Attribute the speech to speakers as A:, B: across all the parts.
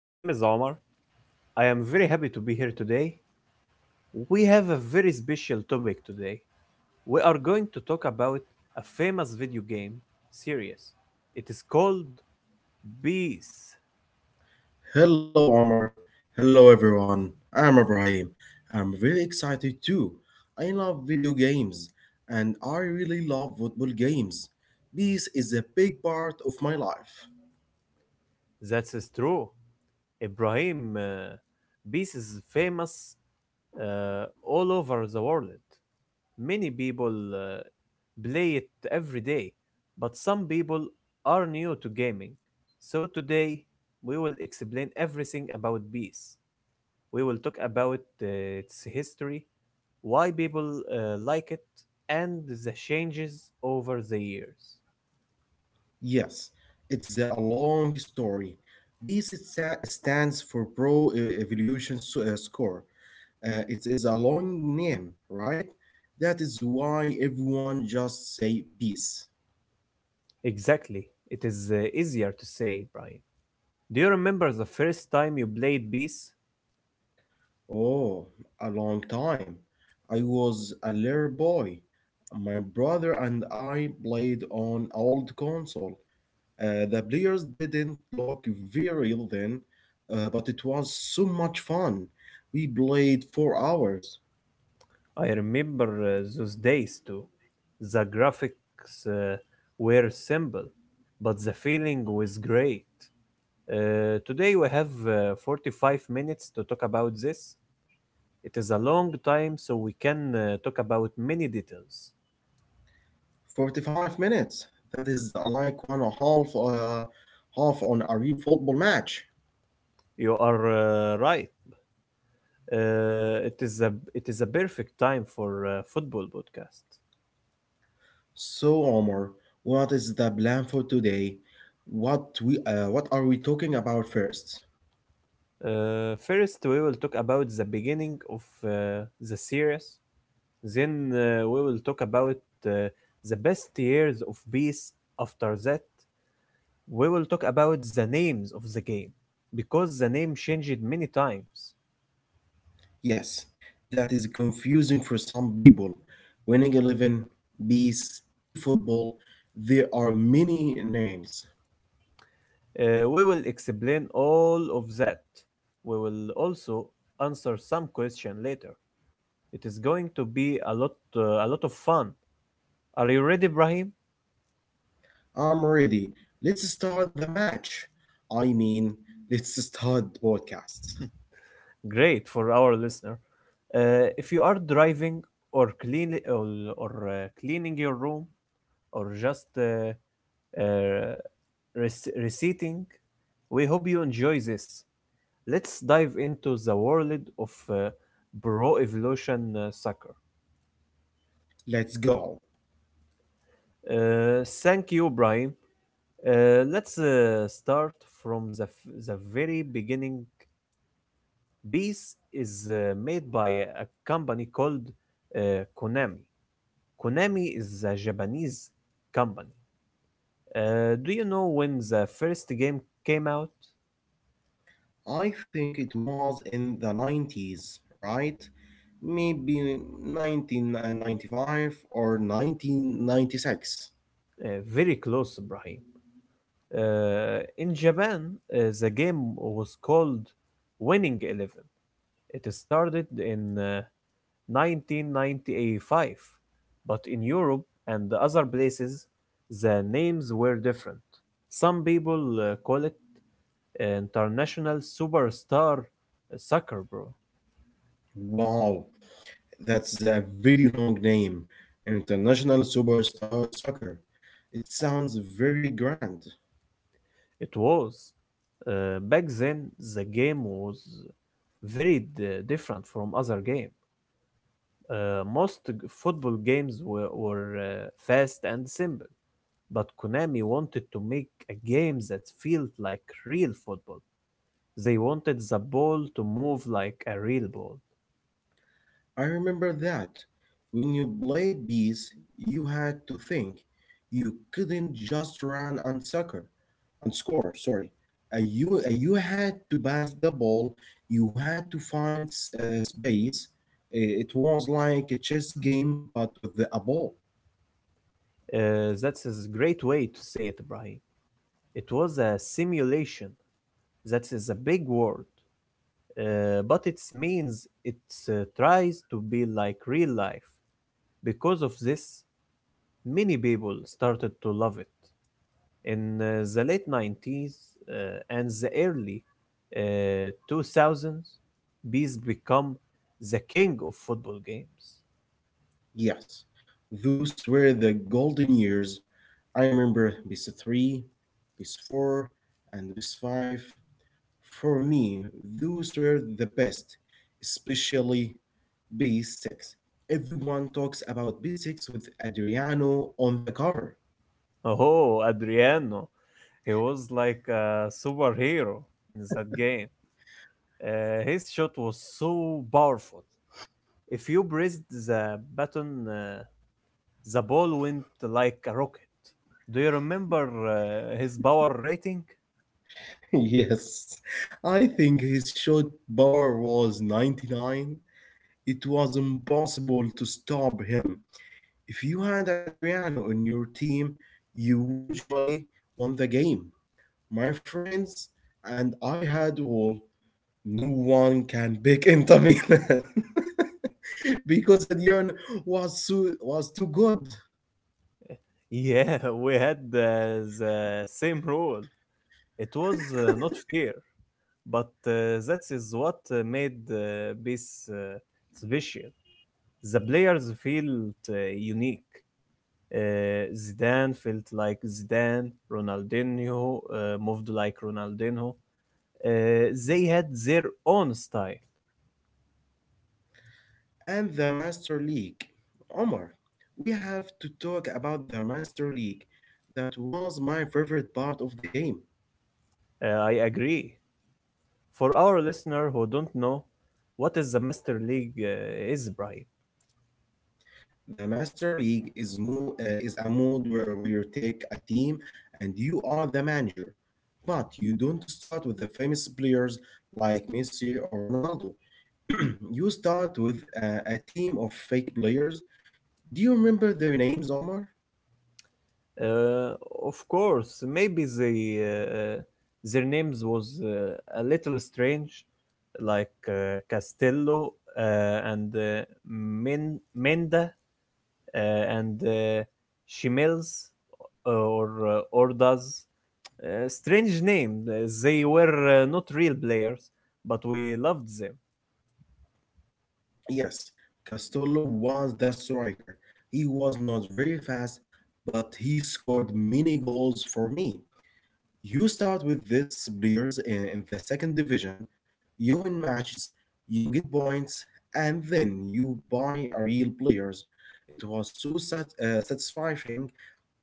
A: My name is Omar. I am very happy to be here today. We have a very special topic today. We are going to talk about a famous video game series. It is called Beast.
B: Hello, Omar. Hello, everyone. I'm Ibrahim. I'm very excited too. I love video games and I really love football games. This is a big part of my life.
A: That is true. Ibrahim, Beast is famous all over the world. Many people play it every day, but some people are new to gaming. So today we will explain everything about Beast. We will talk about its history, why people like it, and the changes over the years.
B: Yes, it's a long story. This stands for Evolution Score. It is a long name, right? That is why everyone just say peace.
A: Exactly. It is easier to say, Brian. Do you remember the first time you played Beast?
B: Oh, a long time. I was a little boy. My brother and I played on old console. The players didn't look very real then, but it was so much fun. We played 4 hours,
A: I remember those days too. The graphics were simple, but the feeling was great. Today we have 45 minutes to talk about this. It is a long time, so we can talk about many details.
B: 45 minutes. That is like one and a half, half on a real football match.
A: You are right. It is a perfect time for football podcast.
B: So, Omar, what is the plan for today? What are we talking about first?
A: First, we will talk about the beginning of the series. Then we will talk about uh, the best years of peace. After that, we will talk about the names of the game because the name changed many times.
B: Yes, that is confusing for some people. Winning 11, Beast, eFootball, there are many names.
A: We will explain all of that. We will also answer some question later. It is going to be a lot of fun. Are you ready, Brahim?
B: I'm ready. Let's start the match. I mean, let's start the podcast.
A: Great. For our listener, if you are driving or clean or, or cleaning your room or just uh, reciting. We hope you enjoy this. Let's dive into the world of Pro Evolution Soccer.
B: Let's go.
A: Thank you, Brian. Let's start from the very beginning. Beast is made by a company called Konami. Konami is a Japanese company. Do you know when the first game came out?
B: I think it was in the 90s, right? Maybe 1995 or 1996.
A: Very close, Brian. In Japan, the game was called Winning 11. It started in 1995, but in Europe and other places, the names were different. Some people call it International Superstar Soccer Bro.
B: Wow, that's a very long name. International Superstar Soccer. It sounds very grand.
A: It was. Back then, the game was very different from other games. Uh, most g- Football games were fast and simple, but Konami wanted to make a game that felt like real football. They wanted the ball to move like a real ball.
B: I remember that. When you played bees, you had to think. You couldn't just run and soccer and score, sorry. You had to pass the ball, you had to find space. It was like a chess game but with a ball.
A: That's a great way to say it, Ibrahim. It was a simulation. That is a big word, but it means it tries to be like real life. Because of this, many people started to love it. In the late 90s uh, and the early 2000s, Bees become the king of football games.
B: Yes, those were the golden years. I remember PS3, PS4, and PS5. For me, those were the best, especially B6. Everyone talks about B6 with Adriano on the cover.
A: Oh, Adriano, he was like a superhero in that game. His shot was so powerful. If you pressed the button, the ball went like a rocket. Do you remember his power rating?
B: Yes, I think his shot power was 99. It was impossible to stop him. If you had Adriano on your team, you usually won the game. My friends and I had all. No one can pick Inter Milan because Adriano was too good.
A: Yeah, we had the same rule. It was not fair, but that is what made this special. The players felt unique. Zidane felt like Zidane, Ronaldinho moved like Ronaldinho. They had their own style.
B: And the Master League, Omar. We have to talk about the Master League. That was my favorite part of the game.
A: I agree. For our listener who don't know, what is the Master League, Brian?
B: The Master League is a mode where you take a team and you are the manager. But you don't start with the famous players like Messi or Ronaldo. You start with a team of fake players. Do you remember their names, Omar?
A: Uh, of course, maybe their names was a little strange, like Castello and Menda, and Shimels, or Ordas. Strange name. They were not real players, but we loved them.
B: Yes, Castolo was the striker. He was not very fast, but he scored many goals for me. You start with these players in the second division, you win matches, you get points, and then you buy a real players. It was so satisfying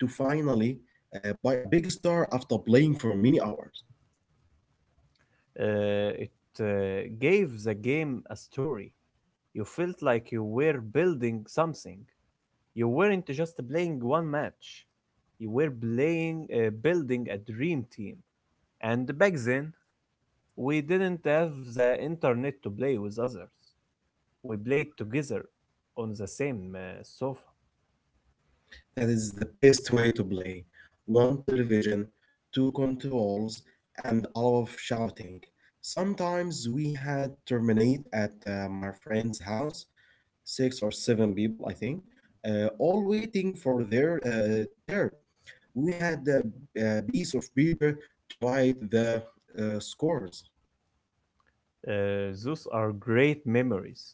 B: to finally buy a big star after playing for many hours.
A: It gave the game a story. You felt like you were building something. You weren't just playing one match. You were building a dream team. And back then, we didn't have the internet to play with others. We played together on the same sofa.
B: That is the best way to play. One television, two controls, and a lot of shouting. Sometimes we had terminate at my friend's house six or seven people, I think, all waiting for their turn. We had a piece of paper to write the scores.
A: Uh, those are great memories.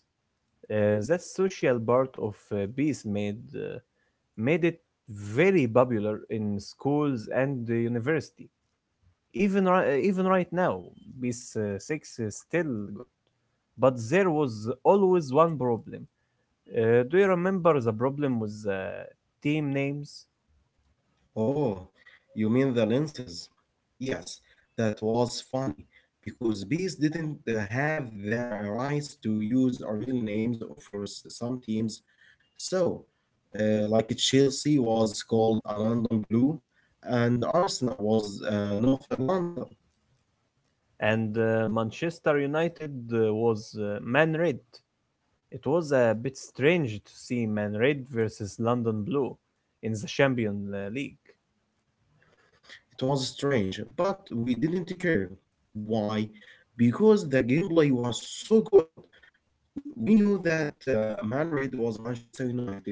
A: That social part of peace made it very popular in schools and the university. Even even right now, Peace Six is still good. But there was always one problem. Do you remember the problem with team names?
B: Oh, you mean the lenses? Yes, that was funny because bees didn't have the rights to use our real names for some teams. So, like Chelsea was called a London Blue, and Arsenal was North London.
A: And Manchester United was Man Red. It was a bit strange to see Man Red versus London Blue in the Champions League.
B: It was strange, but we didn't care. Why? Because the gameplay was so good. We knew that Madrid was Manchester United.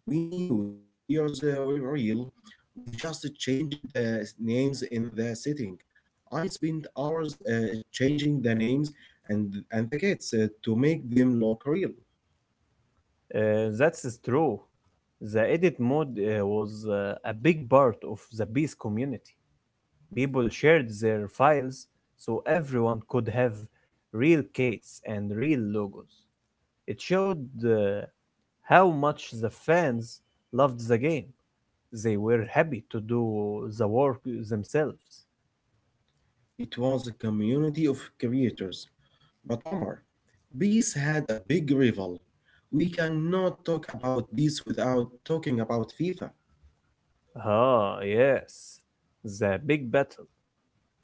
B: We knew the players were real. We just changed the names in the setting. I spent hours changing the names and the kids to make them look real.
A: That's true. The edit mode was a big part of the Beast community. People shared their files so everyone could have real cats and real logos. It showed uh, how much the fans loved the game. They were happy to do the work themselves.
B: It was a community of creators. But Omar, bees had a big rival. We cannot talk about bees without talking about FIFA.
A: Ah, yes, the big battle.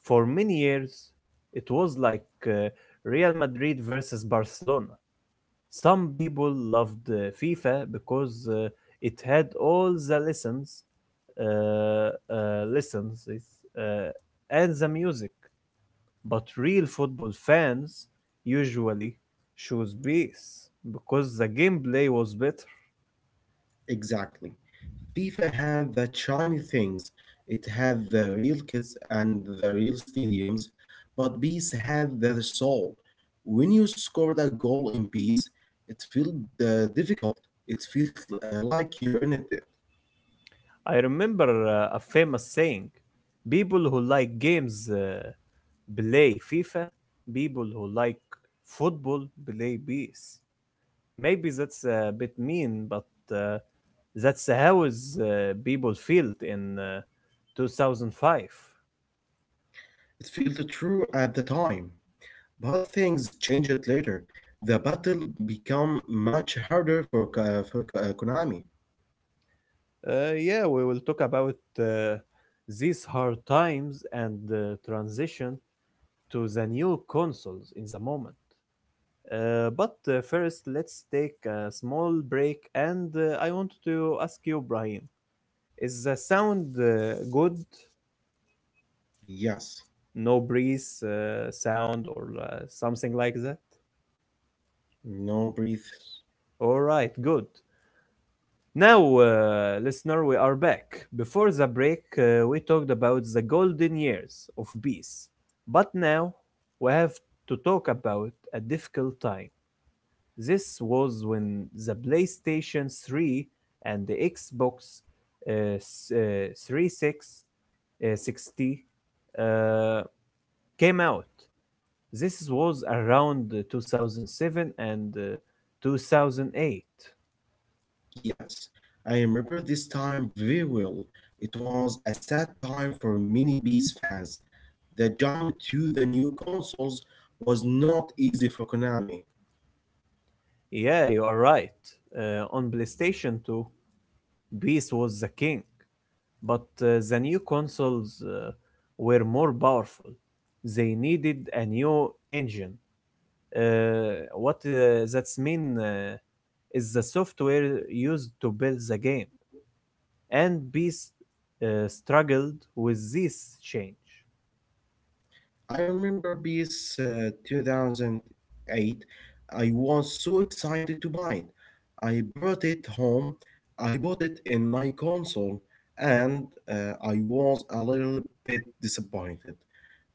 A: For many years, it was like Real Madrid versus Barcelona. Some people loved FIFA because it had all the lessons, licenses, uh, and the music. But real football fans usually choose PES because the gameplay was better.
B: Exactly. FIFA had the shiny things. It had the real kits and the real stadiums, but bees had their soul. When you scored a goal in bees, it felt difficult. It felt like you earned it.
A: I remember a famous saying: "People who like games play FIFA. People who like football play PES." Maybe that's a bit mean, but uh, that's how people felt in 2005.
B: It felt true at the time. But things changed later. The battle became much harder for, Konami.
A: Yeah, we will talk about these hard times and the transition to the new consoles in the moment. But first, let's take a small break, and I want to ask you, Brian, is the sound good?
B: Yes.
A: No breeze sound or something like that?
B: No breathe.
A: All right, good. Now, listener, we are back. Before the break, we talked about the golden years of peace. But now, we have to talk about a difficult time. This was when the PlayStation 3 and the Xbox 360 uh, came out. This was around 2007 and 2008.
B: Yes. I remember this time very well. It was a sad time for many Beast fans. The jump to the new consoles was not easy for Konami.
A: Yeah, you are right. On PlayStation 2, Beast was the king, but the new consoles were more powerful. They needed a new engine. What that's mean is the software used to build the game, and Beast struggled with this change.
B: I remember PS 2008. I was so excited to buy it. I brought it home. I bought it in my console and uh, I was a little bit disappointed.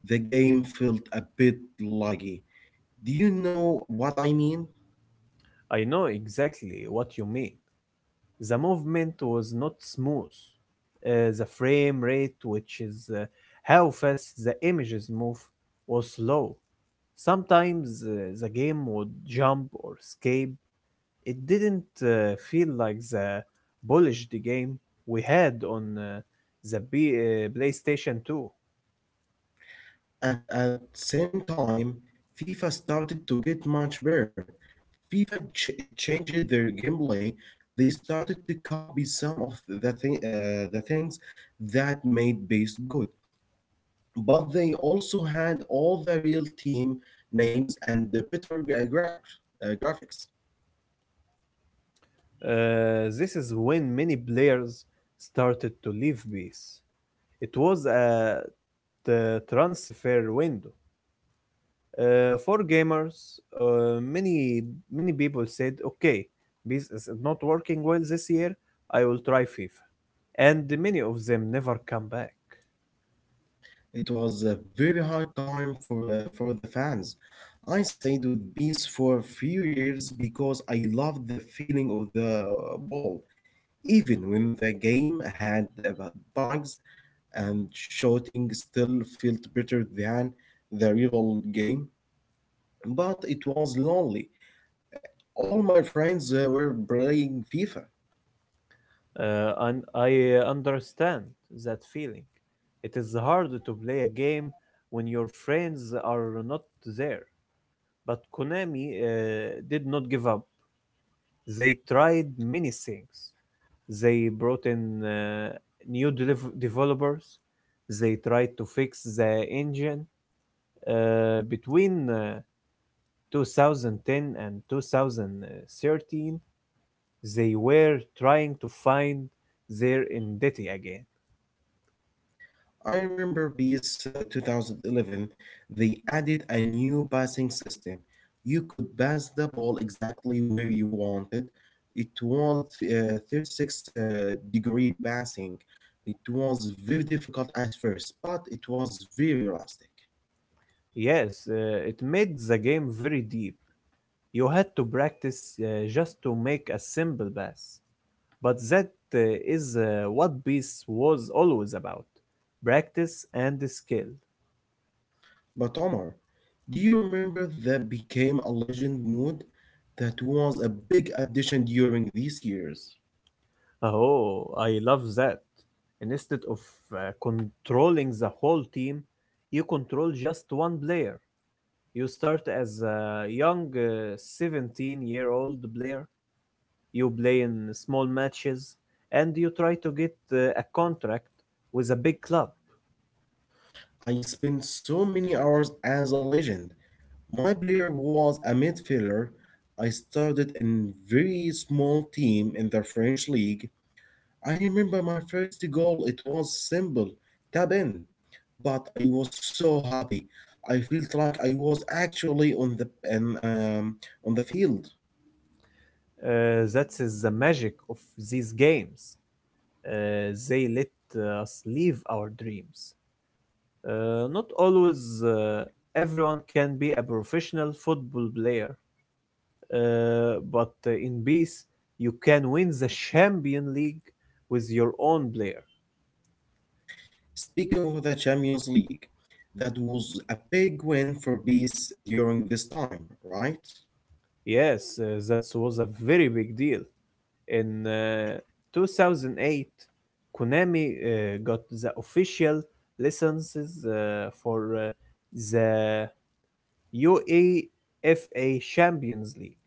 B: The game felt a bit laggy. Do you know what I mean?
A: I know exactly what you mean. The movement was not smooth. The frame rate, which is how fast the images move, was slow. Sometimes the game would jump or escape. It didn't feel like the polished game we had on PlayStation 2.
B: And at same time, FIFA started to get much better. Changed their gameplay. They started to copy some of the things that made base good. But they also had all the real team names and the better graphics.
A: Uh, this is when many players started to leave base. It was a t- transfer window. For gamers, uh, many many people said, "Okay, this is not working well this year. I will try FIFA," and many of them never come back.
B: It was a very hard time for the fans. I stayed with Beast for a few years because I loved the feeling of the ball. Even when the game had about bugs and shooting still felt better than the rival game, but it was lonely. All my friends were playing FIFA.
A: And I understand that feeling. It is hard to play a game when your friends are not there. But Konami did not give up. They tried many things. They brought in new developers. They tried to fix the engine between 2010 and 2013. They were trying to find their identity again.
B: I remember PS 2011, they added a new passing system. You could pass the ball exactly where you wanted. It was 36 degree passing. It was very difficult at first, but it was very elastic.
A: Yes, it made the game very deep. You had to practice just to make a simple pass. But that uh, is uh, what Beast was always about practice and skill.
B: But Omar, do you remember that became a legend mode that was a big addition during these years?
A: Oh, I love that. And instead of controlling the whole team, you control just one player. You start as a young 17-year-old player, you play in small matches, and you try to get a contract with a big club.
B: I spent so many hours as a legend. My player was a midfielder. I started in very small team in the French league. I remember my first goal it was simple, tap in. But I was so happy. I felt like I was actually on the and on the field.
A: That is the magic of these games. They let us live our dreams. Not always everyone can be a professional football player, but in peace, you can win the Champion League with your own player.
B: Speaking of the Champions League, that was a big win for Bees during this time, right?
A: Yes, that was a very big deal. In 2008, Konami got the official licenses for the UEFA Champions League.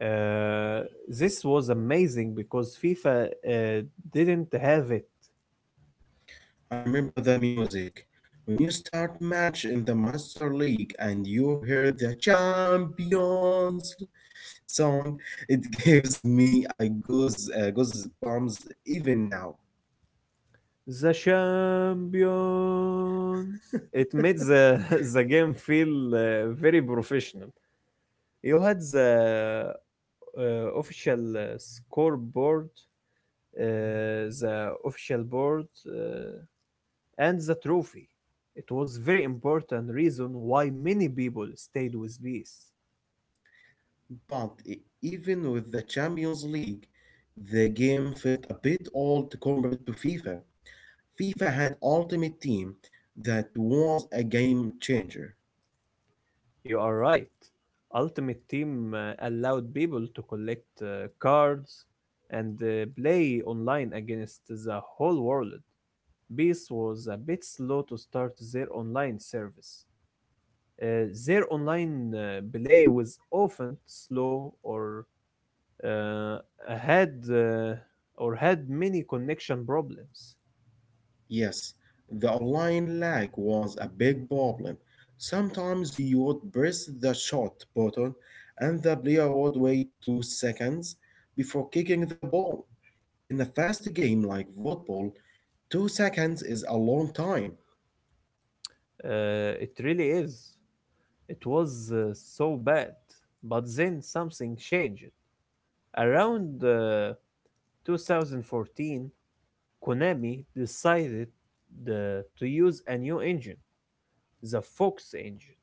A: Uh, this was amazing because FIFA didn't have it.
B: I remember the music. When you start match in the Master League and you hear the Champions song, it gives me a goosebumps even now.
A: The champions. It made the the game feel very professional. You had the official scoreboard, the official board, and the trophy. It was very important reason why many people stayed with peace.
B: But even with the Champions League, the game felt a bit old compared to FIFA. FIFA had Ultimate Team that was a game changer.
A: You are right. Ultimate Team allowed people to collect cards and play online against the whole world. Beast was a bit slow to start their online service. Their online play was often slow or uh, had or had many connection problems.
B: Yes, the online lag was a big problem. Sometimes you would press the shot button and the player would wait 2 seconds before kicking the ball. In a fast game like football, 2 seconds is a long time.
A: It really is. It was so bad. But then something changed. Around 2014, Konami decided uh, to use a new engine, the Fox engine.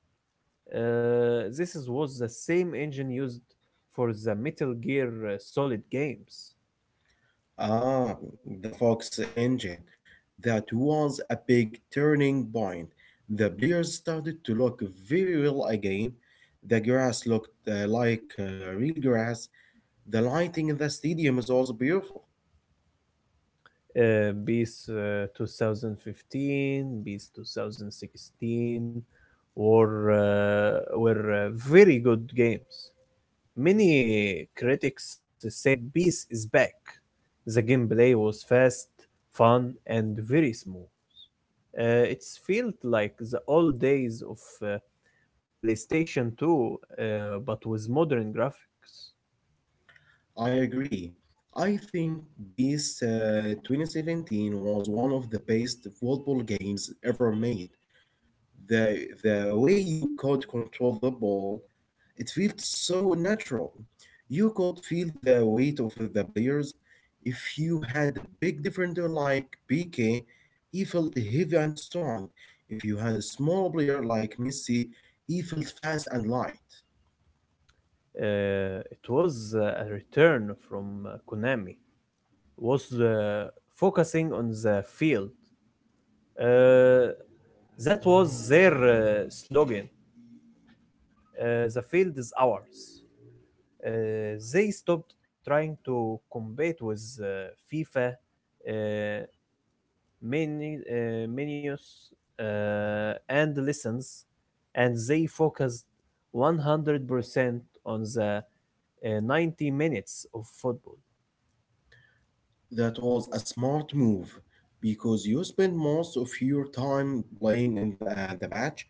A: This was the same engine used for the Metal Gear Solid games.
B: Ah, the Fox engine. That was a big turning point. The players started to look very well again. The grass looked like real grass. The lighting in the stadium is also beautiful.
A: BIS 2015, BIS 2016 were, were very good games. Many critics said Peace is back. The gameplay was fast, fun, and very smooth. It felt like the old days of PlayStation 2, uh, but with modern graphics.
B: I agree. I think this 2017 was one of the best football games ever made. The, the way you could control the ball, it feels so natural. You could feel the weight of the players. If you had a big defender like PK, he felt heavy and strong. If you had a small player like Messi, he felt fast and light.
A: It was a return from Konami, was focusing on the field. Uh, that was their slogan. The field is ours. uh, they stopped trying to compete with FIFA, uh, menus, and lessons, and they focused 100% on the 90 minutes of football.
B: That was a smart move because you spend most of your time playing in the match,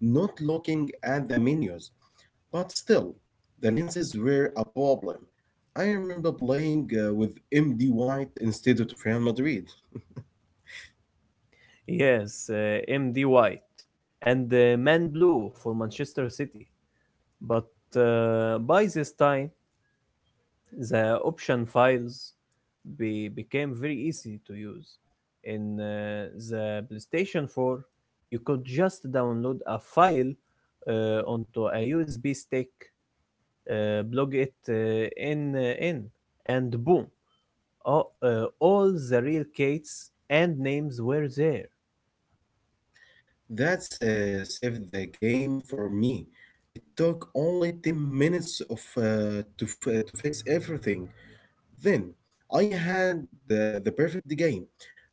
B: not looking at the menus. But still, the lenses were a problem. I remember playing with MD White instead of Real Madrid.
A: Yes, MD White and Man Blue for Manchester City. But by this time, the option files became very easy to use. In the PlayStation 4, you could just download a file onto a USB stick, plug it in, and boom, all the real gates and names were there.
B: That saved the game for me. It took only 10 minutes to fix everything. Then I had the perfect game,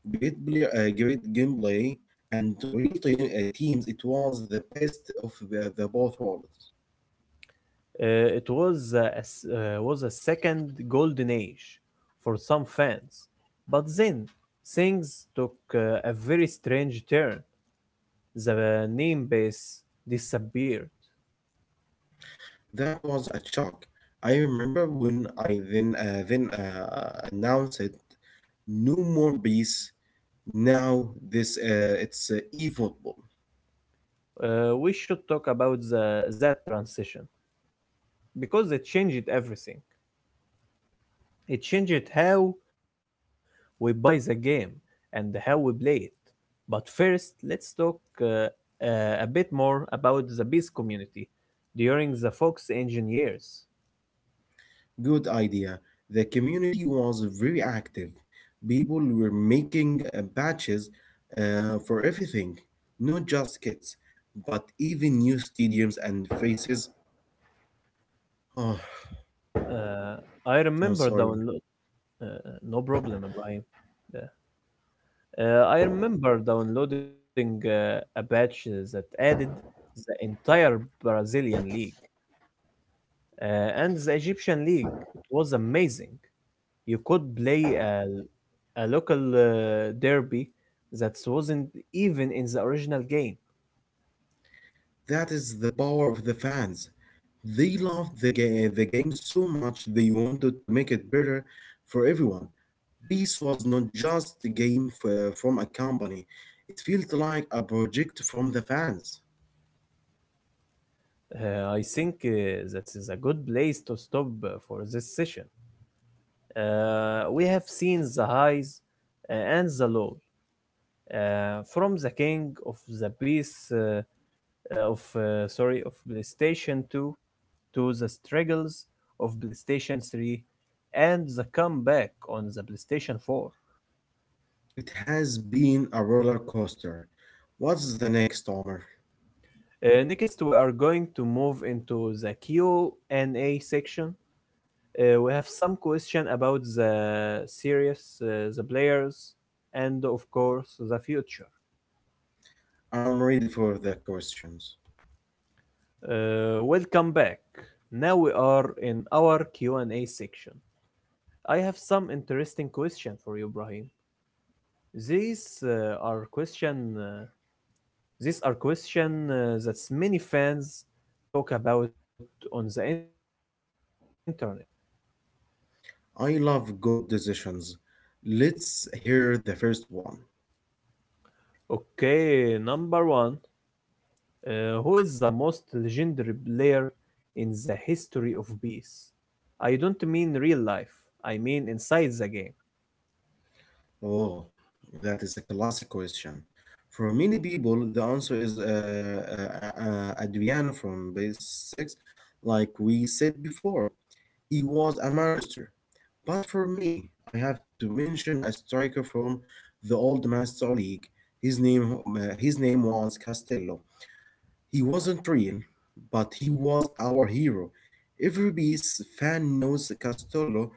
B: great player, great gameplay, and real teams. It was the best of the both worlds.
A: It was a second golden age for some fans, but then things took a very strange turn. The name base disappeared.
B: That was a shock. I remember when I then announced it, no more peace. Now this it's e football.
A: We should talk about that transition because it changed everything. It changed how we buy the game and how we play it. But first, let's talk uh, a bit more about the Beast community during the Fox Engine years.
B: Good idea. The community was very active. People were making patches for everything, not just kits, but even new stadiums and faces. Oh,
A: Uh, I
B: I'm
A: remember
B: sorry.
A: download. Uh, no problem, Brian. Yeah. I remember downloading a patch that added the entire Brazilian league and the Egyptian league. It was amazing. You could play a local derby that wasn't even in the original game.
B: That is the power of the fans. They loved the, the game so much they wanted to make it better for everyone. Peace was not just a game from a company, it felt like a project from the fans.
A: I think that is a good place to stop for this session. We have seen the highs and the lows, from the king of the piece, of sorry, of PlayStation 2 to the struggles of PlayStation 3 and the comeback on the PlayStation 4.
B: It has been a roller coaster. What's the next, Omar?
A: Next, we are going to move into the Q&A section. We have some question about the series, the players, and of course the future.
B: I'm ready for the questions.
A: Welcome back. Now we are in our Q&A section. I have some interesting question for you, Brahim. These are question. These are question that many fans talk about on the internet.
B: I love good decisions. Let's hear the first one.
A: Okay, number one. Who is the most legendary player in the history of PES? I don't mean real life. I mean inside the game.
B: Oh, that is a classic question. For many people, the answer is Adriano from base six, like we said before. He was a monster. But for me, I have to mention a striker from the Old Master League. His name was Castello. He wasn't real, but he was our hero. Every Beast fan knows Castello.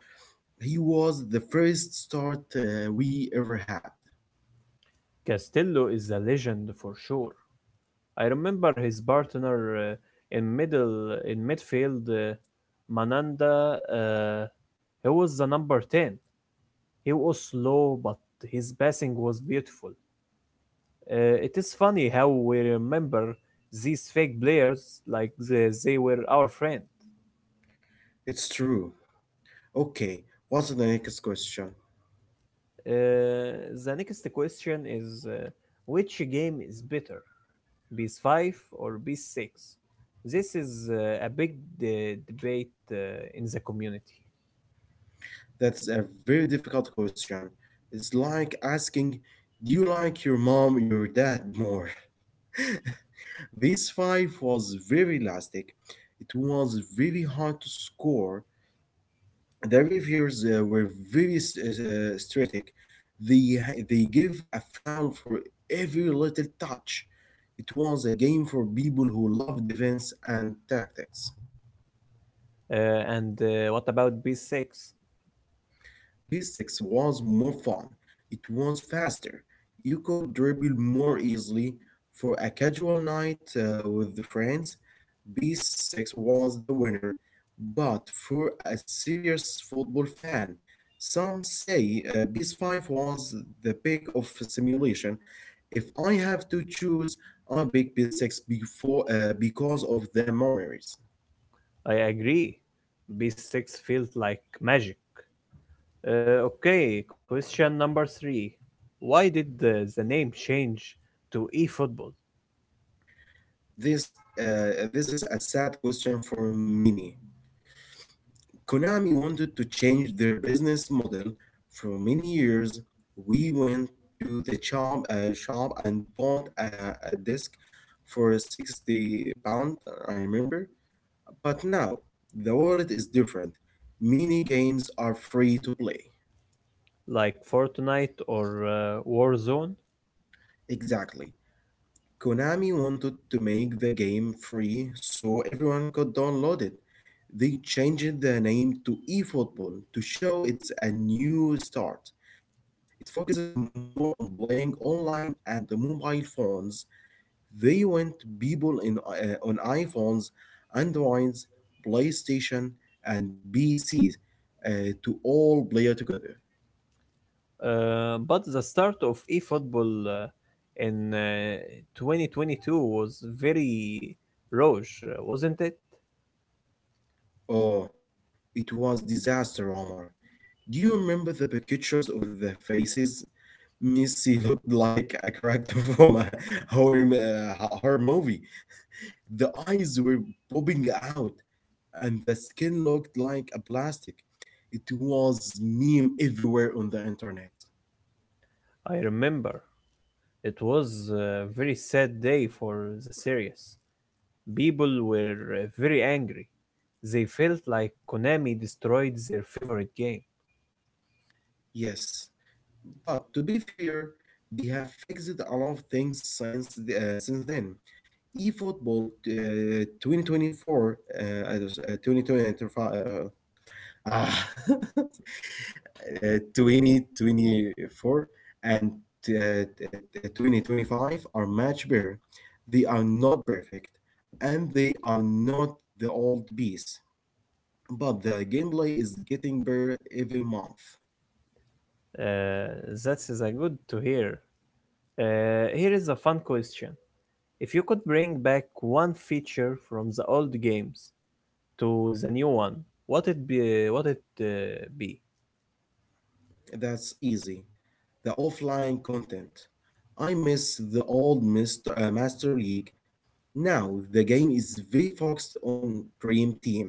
B: He was the first start we ever had.
A: Castello is a legend for sure. I remember his partner in middle in midfield, Mananda. He was the number 10. He was slow, but his passing was beautiful. It is funny how we remember these fake players like they were our friend.
B: It's true. Okay, what's the next question?
A: Uh, the next question is, which game is better, PS 5 or PS 6? This is a big debate in the community.
B: That's a very difficult question. It's like asking, do you like your mom or your dad more? This five was very elastic. It was very hard to score. The reviews were very strict. They, they give a foul for every little touch. It was a game for people who love defense and tactics.
A: Uh, and what about B6?
B: Basics was more fun. It was faster. You could dribble more easily. For a casual night with the friends, B6 was the winner. But for a serious football fan, some say B5 was the pick of simulation. If I have to choose, I pick B6 before because of the memories.
A: I agree. B6 feels like magic. Okay, question number three. Why did the name change to eFootball,
B: This is a sad question for many. Konami wanted to change their business model. For many years, we went to the shop and bought a disc for £60, I remember. But now, the world is different. Mini games are free to play.
A: like Fortnite or Warzone?
B: Exactly. Konami wanted to make the game free so everyone could download it. They changed the name to eFootball to show it's a new start. It focuses more on playing online and the mobile phones. They want people on iPhones, Androids, PlayStation, and PCs to all play together.
A: But the start of eFootball in 2022 was very rough, wasn't it?
B: Oh, it was disaster, Omar. Do you remember the pictures of the faces? Missy looked like a character from a horror movie. The eyes were popping out, and the skin looked like a plastic. It was meme everywhere on the internet.
A: I remember. It was a very sad day for the series. People were very angry. They felt like Konami destroyed their favorite game.
B: Yes, but to be fair, they have fixed a lot of things since then. eFootball 2024, I just- 2025, uh, 2024 and 2025 are much better. They are not perfect and they are not the old beast, but the gameplay is getting better every month.
A: Uh, that is a good to hear. Here is a fun question. If you could bring back one feature from the old games to the new one, what it be? What it be?
B: That's easy. The offline content. I miss the old Mr. uh, Master League. Now, the game is very focused on Dream Team,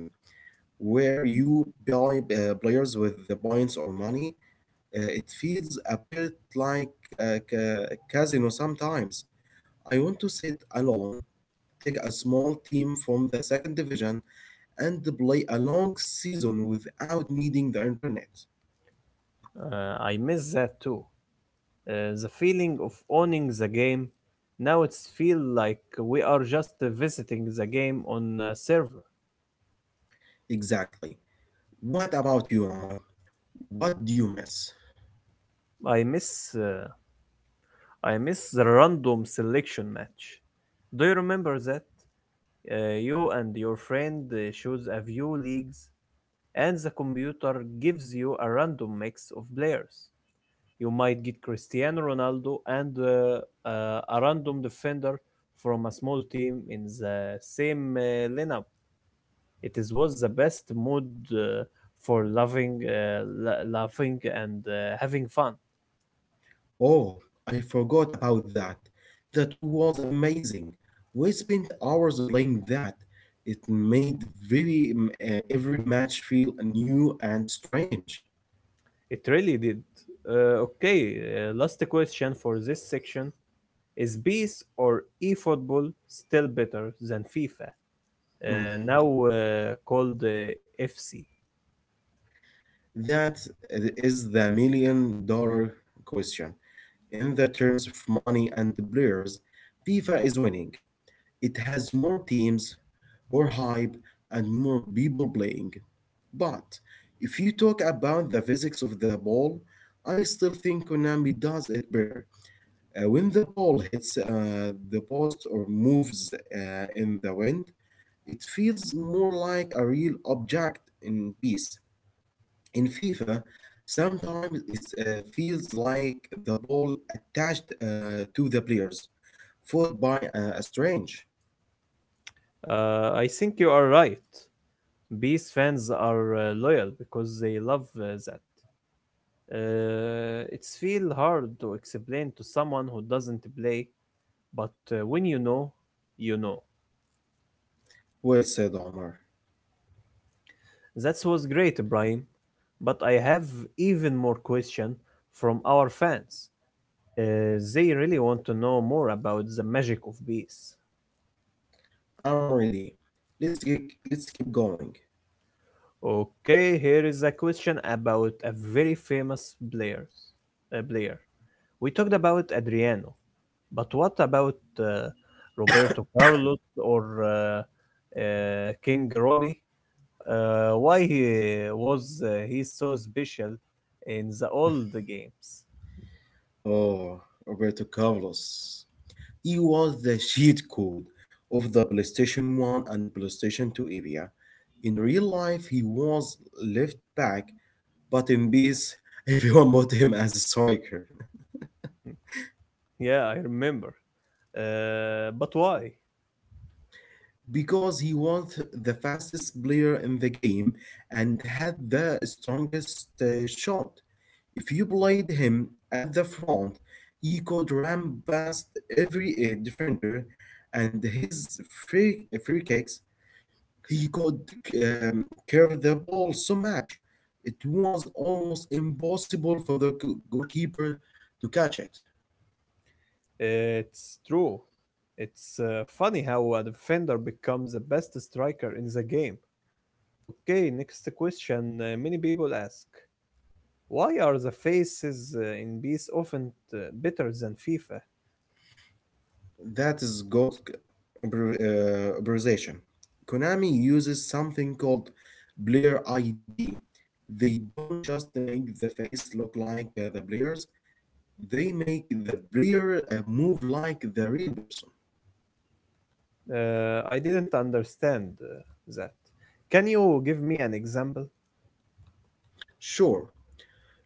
B: where you buy players with the points or money. It feels a bit like a casino sometimes. I want to sit alone, take a small team from the second division, and play a long season without needing the internet.
A: I miss that too. The feeling of owning the game. Now it's feel like we are just visiting the game on a server.
B: Exactly. What about you, Omar? What do you miss?
A: I miss uh, I miss the random selection match. Do you remember that? You and your friend choose a few leagues and the computer gives you a random mix of players. You might get Cristiano Ronaldo and a random defender from a small team in the same lineup. It is was the best mood uh, for loving, laughing, and having fun.
B: Oh, I forgot about that. That was amazing. We spent hours playing that. It made every match feel new and strange.
A: It really did. Okay, last question for this section is, PES or eFootball still better than FIFA?
B: Mm.
A: Now called FC.
B: That is the million dollar question. In the terms of money and the players, FIFA is winning. It has more teams, more hype, and more people playing. But if you talk about the physics of the ball, I still think Konami does it better. When the ball hits the post or moves in the wind, it feels more like a real object in peace. In FIFA, sometimes it feels like the ball attached to the players, fought by a strange.
A: I think you are right. Beast fans are loyal because they love that. It's feel hard to explain to someone who doesn't play, but when you know, you know.
B: Well said, Omar.
A: That was great, Ibrahim. But I have even more question from our fans. They really want to know more about the magic of bees.
B: I'm ready. Let's keep going.
A: Okay, here is a question about a very famous players, player. We talked about Adriano, but what about Roberto Carlos or King Ronnie? Why he so special in the old games?
B: Oh, Roberto Carlos. He was the cheat code of the PlayStation 1 and the PlayStation 2 area. In real life, he was left back, but in peace, everyone bought him as a striker.
A: Hmm, yeah, I remember. But why?
B: Because he was the fastest player in the game and had the strongest shot. If you played him at the front, he could ram past every defender, and his free kicks, he could um, curve the ball so much. It was almost impossible for the goalkeeper to catch it.
A: It's true. It's funny how a defender becomes the best striker in the game. Okay, next question. Many people ask, why are the faces in bees often better than FIFA?
B: That is got, abbreviation. Konami uses something called player ID. They don't just make the face look like the players, they make the player move like the real person.
A: I didn't understand that. Can you give me an example
B: Sure,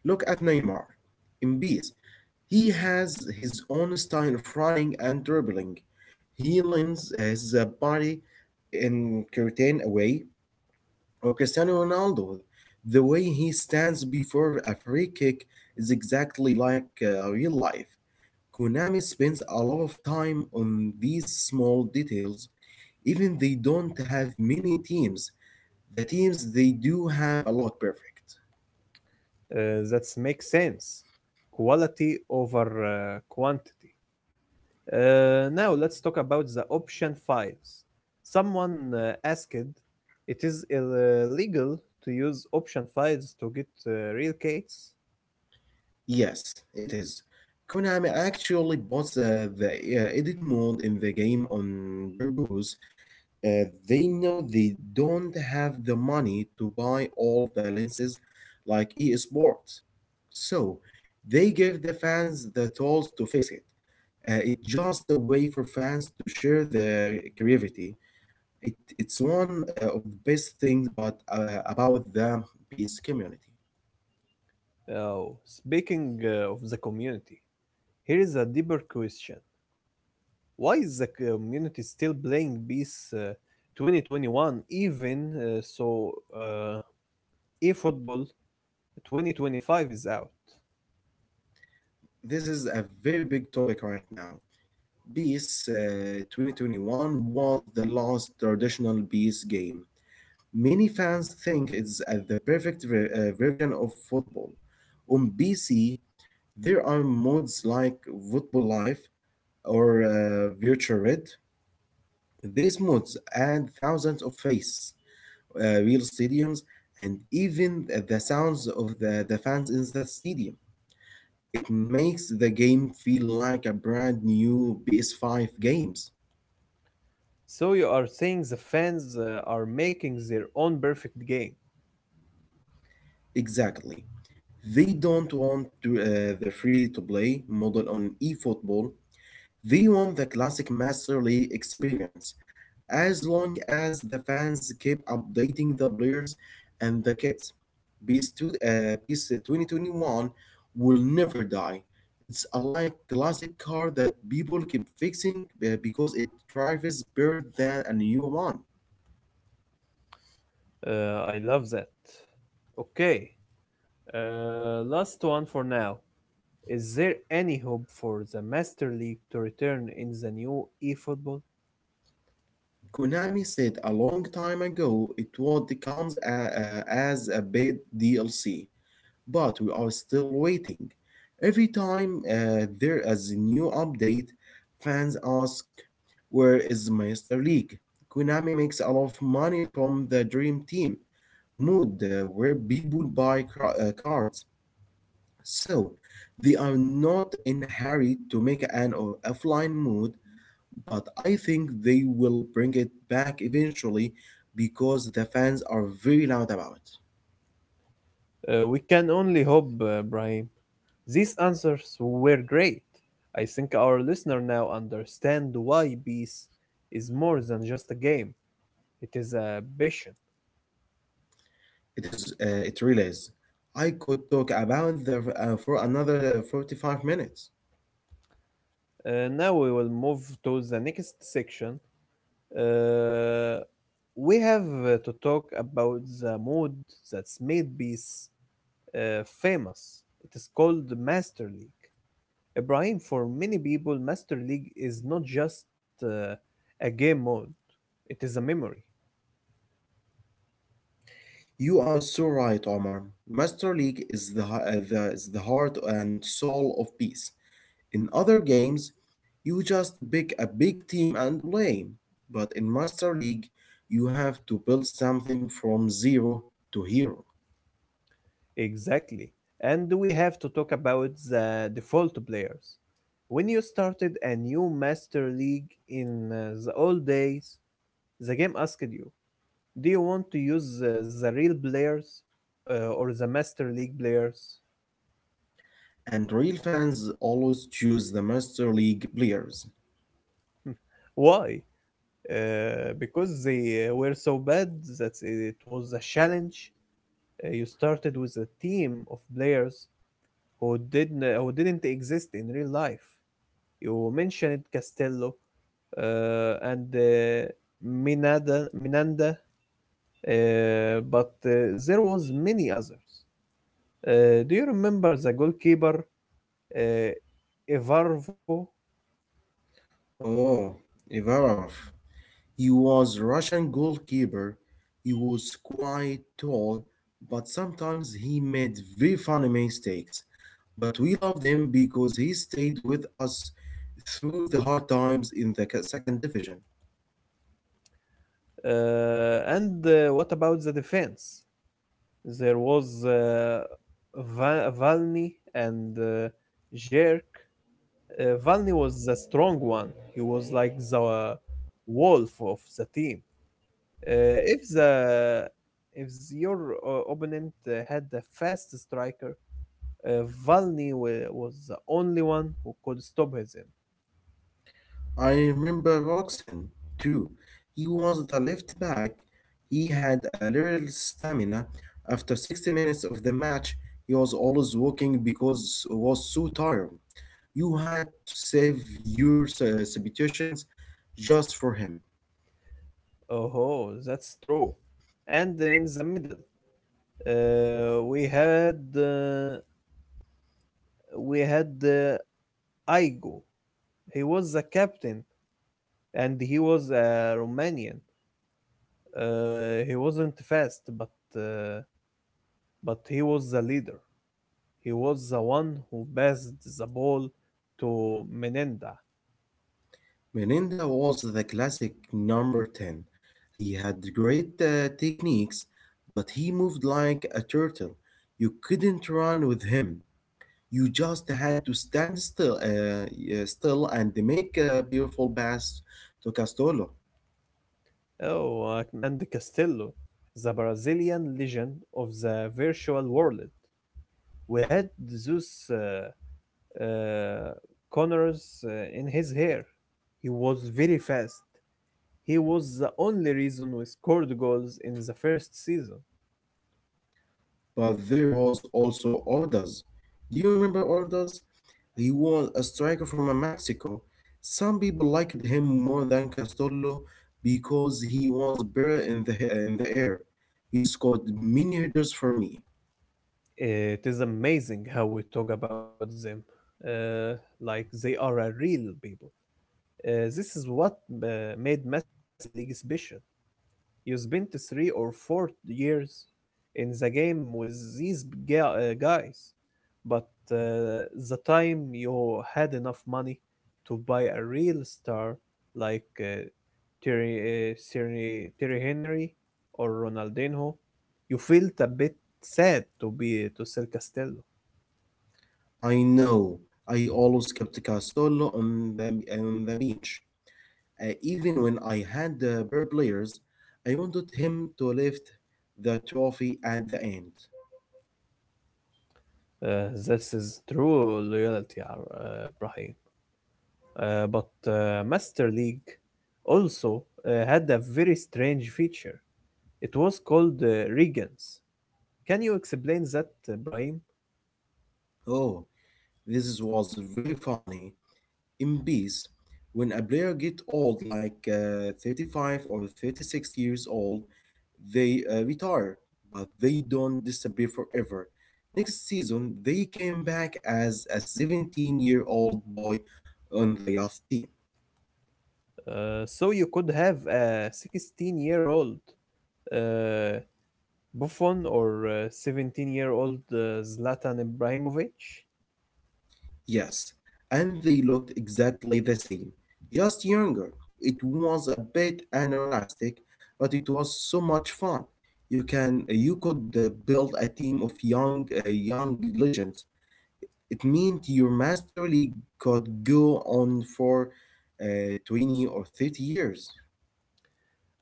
B: look at Neymar. In peace, he has his own style of running and dribbling. He lends his body in curtain away or Cristiano Ronaldo. The way he stands before a free kick is exactly like real life. Konami spends a lot of time on these small details, even they don't have many teams. The teams they do have a lot perfect.
A: that makes sense? Quality over quantity. Now let's talk about the option files. Someone asked, it is illegal to use option files to get real cats?
B: Yes, it is. Konami actually bought the edit mode in the game on purpose. They know they don't have the money to buy all the lenses like EA Sports. So they give the fans the tools to fix it. It's just a way for fans to share their creativity. It's one of the best things about the peace community.
A: Oh, speaking of the community, here is a deeper question. Why is the community still playing BEAS 2021 even so eFootball 2025 is out?
B: This is a very big topic right now. PES 2021 was the last traditional PES game. Many fans think it's the perfect version of football. On PC, there are modes like Football Life or Virtual Red. These modes add thousands of faces, real stadiums, and even the sounds of the fans in the stadium. It makes the game feel like a brand new PS5 games.
A: So you are saying the fans are making their own perfect game.
B: Exactly. They don't want to, the free to play model on eFootball. They want the classic Master League experience, as long as the fans keep updating the players and the kits. Beast 2021 will never die. It's a like classic car that people keep fixing because it drives better than a new one.
A: I love that. Okay, last one for now. Is there any hope for the Master League to return in the new eFootball?
B: Konami said a long time ago it would come as a paid DLC, but we are still waiting. Every time there is a new update, fans ask, "Where is Master League?" Konami makes a lot of money from the Dream Team mode where people buy cards. So they are not in a hurry to make an offline mode, but I think they will bring it back eventually because the fans are very loud about it.
A: We can only hope, Brahim. These answers were great. I think our listener now understand why Beast is more than just a game. It is a passion.
B: It is. It really is. I could talk about the for another 45 minutes.
A: Now we will move to the next section. Uh, we have to talk about the mode that's made peace famous. It is called Master League. Ibrahim, for many people, Master League is not just a game mode, it is a memory.
B: You are so right, Omar. Master League is the heart and soul of peace. In other games, you just pick a big team and play. But in Master League, you have to build something from zero to hero.
A: Exactly. And we have to talk about the default players. When you started a new Master League in the old days, the game asked you, do you want to use the real players or the Master League players?
B: And real fans always choose the Master League players.
A: Why? Because they were so bad that it was a challenge. You started with a team of players who didn't exist in real life. You mentioned Castello and Minada, Minanda, but there was many others. Do you remember the goalkeeper, Evarvo?
B: Oh, Ivarov. He was Russian goalkeeper. He was quite tall, but sometimes he made very funny mistakes. But we loved him because he stayed with us through the hard times in the second division.
A: And what about the defense? There was Valny and Jerk. Valny was the strong one. He was like the wolf of the team. If the if your opponent had a fast striker, Valny was the only one who could stop him.
B: I remember Roxon too. He was the left back. He had a little stamina. After 60 minutes of the match, he was always walking because he was so tired. You had to save your substitutions just for him.
A: Oh, that's true. And in the middle, uh, we had. Uh, we had Igo. He was the captain, and he was a Romanian. He wasn't fast, uh, but he was the leader. He was the one who passed the ball to Menenda.
B: Meninda was the classic number 10. He had great techniques, but he moved like a turtle. You couldn't run with him. You just had to stand still and make a beautiful pass to Castolo.
A: Oh, and Castillo, the Brazilian legend of the virtual world. We had those uh, corners in his hair. He was very fast. He was the only reason we scored goals in the first season.
B: But there was also Ordaz. Do you remember Ordaz? He was a striker from Mexico. Some people liked him more than Castolo because he was better in the air. He scored many headers for me.
A: It is amazing how we talk about them like they are a real people. This is what uh, made Master League special. You spent 3 or 4 years in the game with these guys, but the time you had enough money to buy a real star like Terry Henry or Ronaldinho, you felt a bit sad to sell Castello.
B: I know. I always kept Castolo on the bench. Even when I had better players, I wanted him to lift the trophy at the end.
A: This is true loyalty, Brahim. But Master League also had a very strange feature. It was called Regans. Can you explain that, Brahim?
B: Oh, this was very funny. In peace, when a player get old, like 35 or 36 years old, they retire, but they don't disappear forever. Next season, they came back as a 17-year-old boy on the youth team.
A: So you could have a 16-year-old uh, Buffon or a 17-year-old Zlatan Ibrahimovic.
B: Yes, and they looked exactly the same, just younger. It was a bit unrealistic, but it was so much fun. You could build a team of young legends. It meant your master league could go on for 20 or 30 years.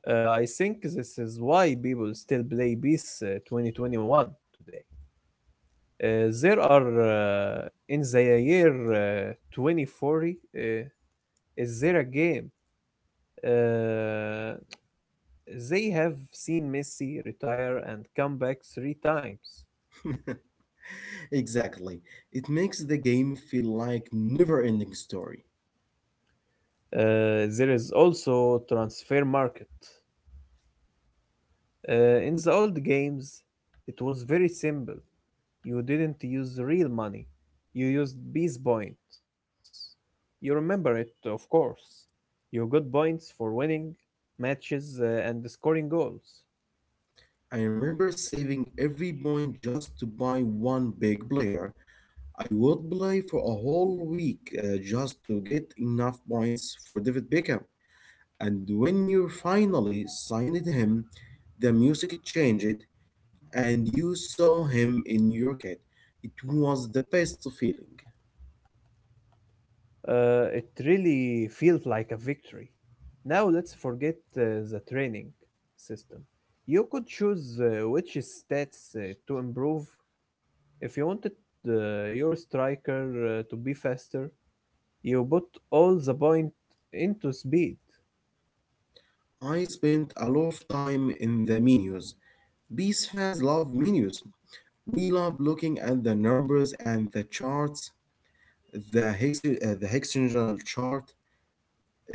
A: I think this is why people still play PES 2021 today. There are, in the year 2040. Is there a game? uh, They have seen Messi retire and come back three times.
B: Exactly. It makes the game feel like never-ending story.
A: There is also transfer market. In the old games, it was very simple. You didn't use real money. You used bees points. You remember it, of course. You got points for winning matches and scoring goals.
B: I remember saving every point just to buy one big player. I would play for a whole week just to get enough points for David Beckham. And when you finally signed him, the music changed and you saw him in your kit. It was the best feeling.
A: It really feels like a victory. Now let's forget the training system. You could choose which stats to improve. If you wanted your striker to be faster, you put all the point into speed.
B: I spent a lot of time in the menus. Bees fans love menus. We love looking at the numbers and the charts, the hexagonal chart,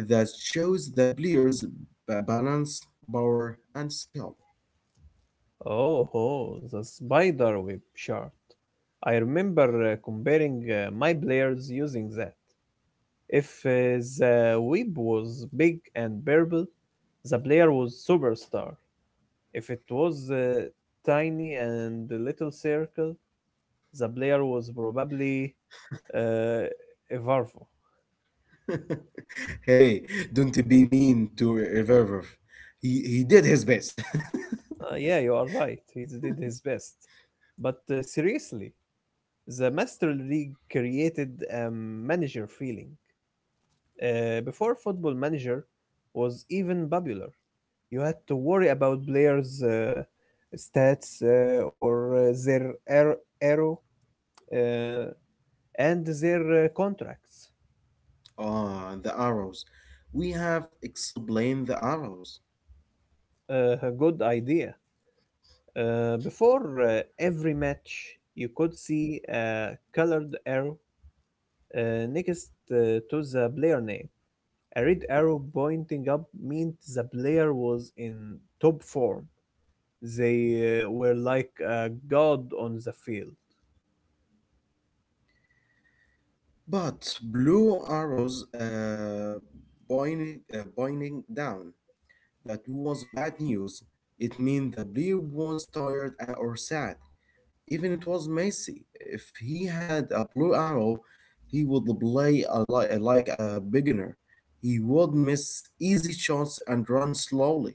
B: that shows the player's balance, power, and skill.
A: Oh, oh, the spider web chart. I remember comparing my players using that. If the web was big and purple, the player was superstar. If it was tiny and a little circle, the player was probably uh, a Varvo.
B: Hey, don't be mean to Reverver. He did his best.
A: Yeah, you are right. He did his best. But seriously, the Master League created a manager feeling. Before Football Manager was even popular, you had to worry about players' stats or their arrow uh, and their contracts.
B: Ah, the arrows. We have explained the arrows.
A: A good idea. Before every match, you could see a colored arrow next to the player name. A red arrow pointing up meant the player was in top form. They were like a god on the field.
B: But blue arrows pointing down. That was bad news. It means the blue was tired or sad. Even it was Messi. If he had a blue arrow, he would play a like a beginner. He would miss easy shots and run slowly.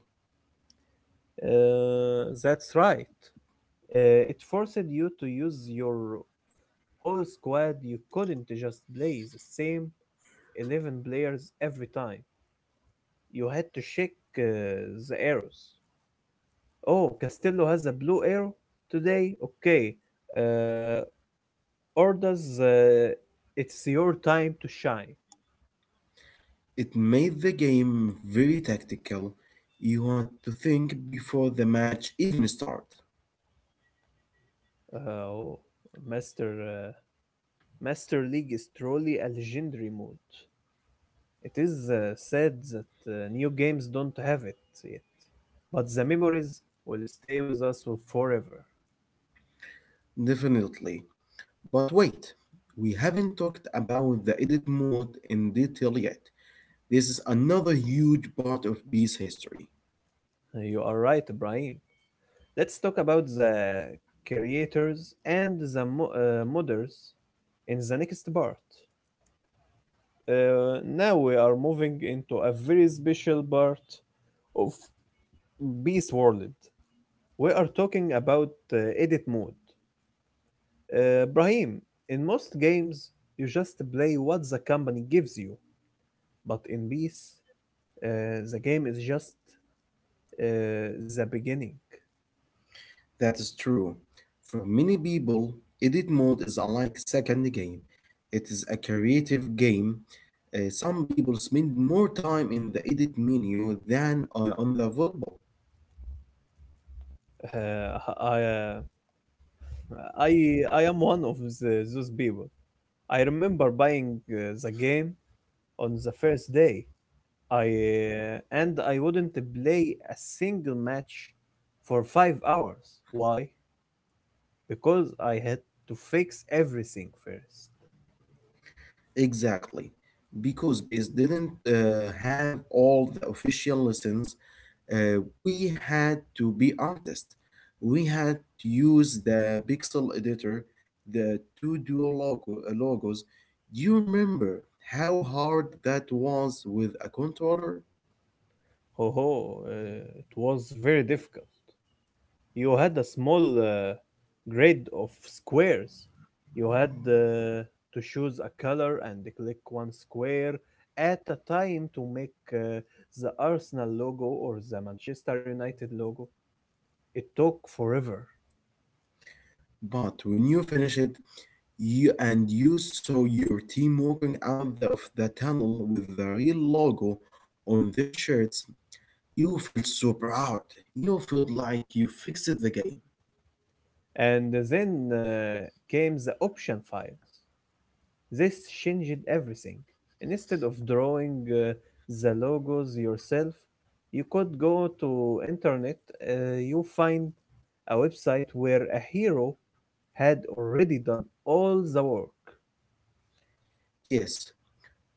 A: That's right. It forced you to use your whole squad. You couldn't just play the same 11 players every time. You had to check the arrows. Oh, Castello has a blue arrow today? Okay. Uh, Orders, it's your time to shine.
B: It made the game very tactical. You had to think before the match even started.
A: Uh, Oh, Master, uh, Master League is truly a legendary mode. It is sad that new games don't have it yet, but the memories will stay with us forever.
B: Definitely. But wait, we haven't talked about the edit mode in detail yet. This is another huge part of B's history.
A: You are right, Ibrahim. Let's talk about the creators and the modders in the next part. Now we are moving into a very special part of Beast World. We are talking about edit mode. Brahim, in most games, you just play what the company gives you. But in Beast, the game is just the beginning.
B: That is true. For many people, edit mode is unlike second game. It is a creative game. Some people spend more time in the edit menu than on the football.
A: Uh, I, uh, I am one of those people. I remember buying the game on the first day. I I wouldn't play a single match for 5 hours. Why? Because I had to fix everything first.
B: Exactly. Because Base didn't have all the official lessons we had to be artists. We had to use the pixel editor, the two dual logos. Do you remember how hard that was with a controller?
A: Ho ho! It was very difficult. You had a small grid of squares. You had to choose a color and click one square at a time to make the Arsenal logo or the Manchester United logo. It took forever.
B: But when you finish it, you saw your team walking out of the tunnel with the real logo on their shirts, you feel so proud. You feel like you fixed the game.
A: And then came the option files. This changed everything. Instead of drawing the logos yourself, you could go to internet, you find a website where a hero had already done all the work.
B: Yes,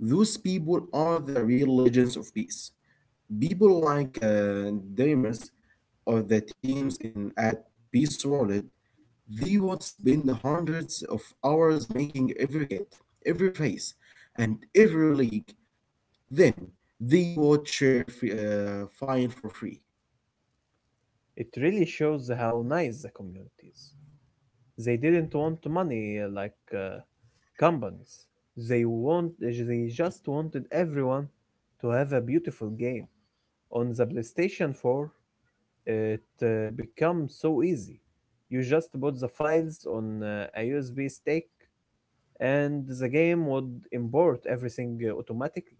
B: those people are the real legends of peace. People like Deimos or the teams in at Peace World, they would spend hundreds of hours making every kit, every face, and every league. Then they would share fine for free.
A: It really shows how nice the community is. They didn't want money like companies. They just wanted everyone to have a beautiful game. On the PlayStation 4, it became so easy. You just put the files on a USB stick and the game would import everything automatically.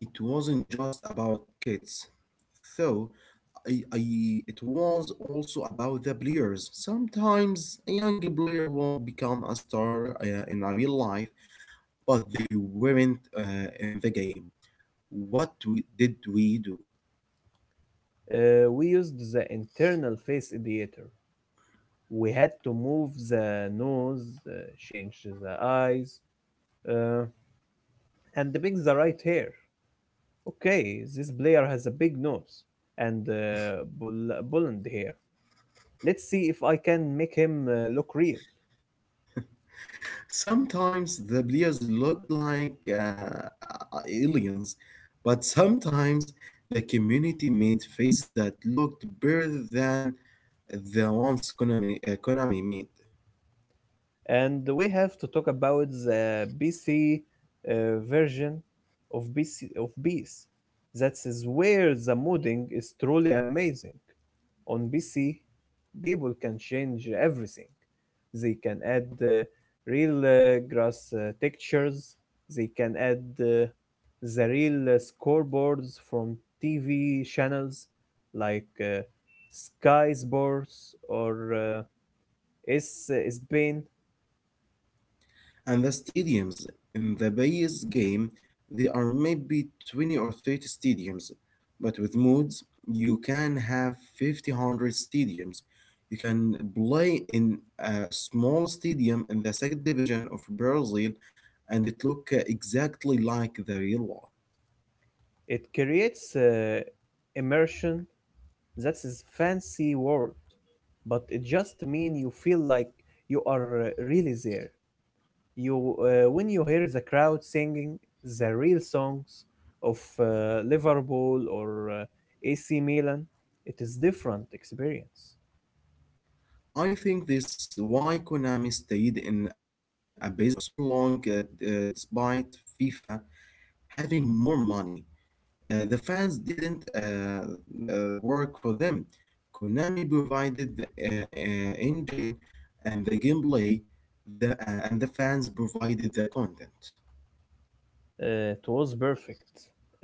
B: It wasn't just about kits, though. I, I, it was also about the players. Sometimes a young player would become a star in a real life, but they weren't in the game. What did we do?
A: We used the internal face editor. We had to move the nose, uh, change the eyes, uh, and pick the right hair. Okay, this player has a big nose and blonde hair. Let's see if I can make him look real.
B: Sometimes the players looked like aliens, but sometimes the community made faces that looked better than the ones Konami made.
A: And we have to talk about the PC version of PC of Beast. That is where the modding is truly amazing. On PC, people can change everything. They can add real grass textures. They can add the real scoreboards from TV channels like Sky Sports or S Spain.
B: And the stadiums in the base game, there are maybe 20 or 30 stadiums. But with modes, you can have 50, 100 stadiums. You can play in a small stadium in the second division of Brazil and it look exactly like the real one.
A: It creates immersion. That's a fancy word, but it just mean you feel like you are really there. You when you hear the crowd singing the real songs of Liverpool or AC Milan, it is different experience.
B: I think this why Konami stayed in a business for so long despite FIFA having more money. The fans didn't work for them. Konami provided the engine and the gameplay, and the fans provided the content.
A: It was perfect.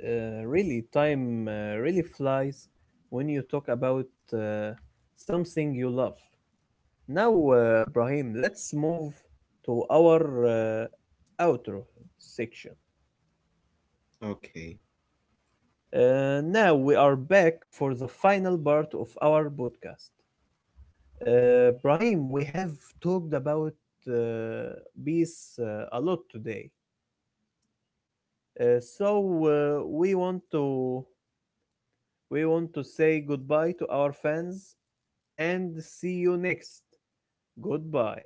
A: Really, time really flies when you talk about uh, something you love. Now, Brahim, let's move to our outro section.
B: Okay.
A: Now we are back for the final part of our podcast. Brahim, we have talked about uh, peace a lot today. Uh, so uh, we want to We want to say goodbye to our fans and see you next. Goodbye.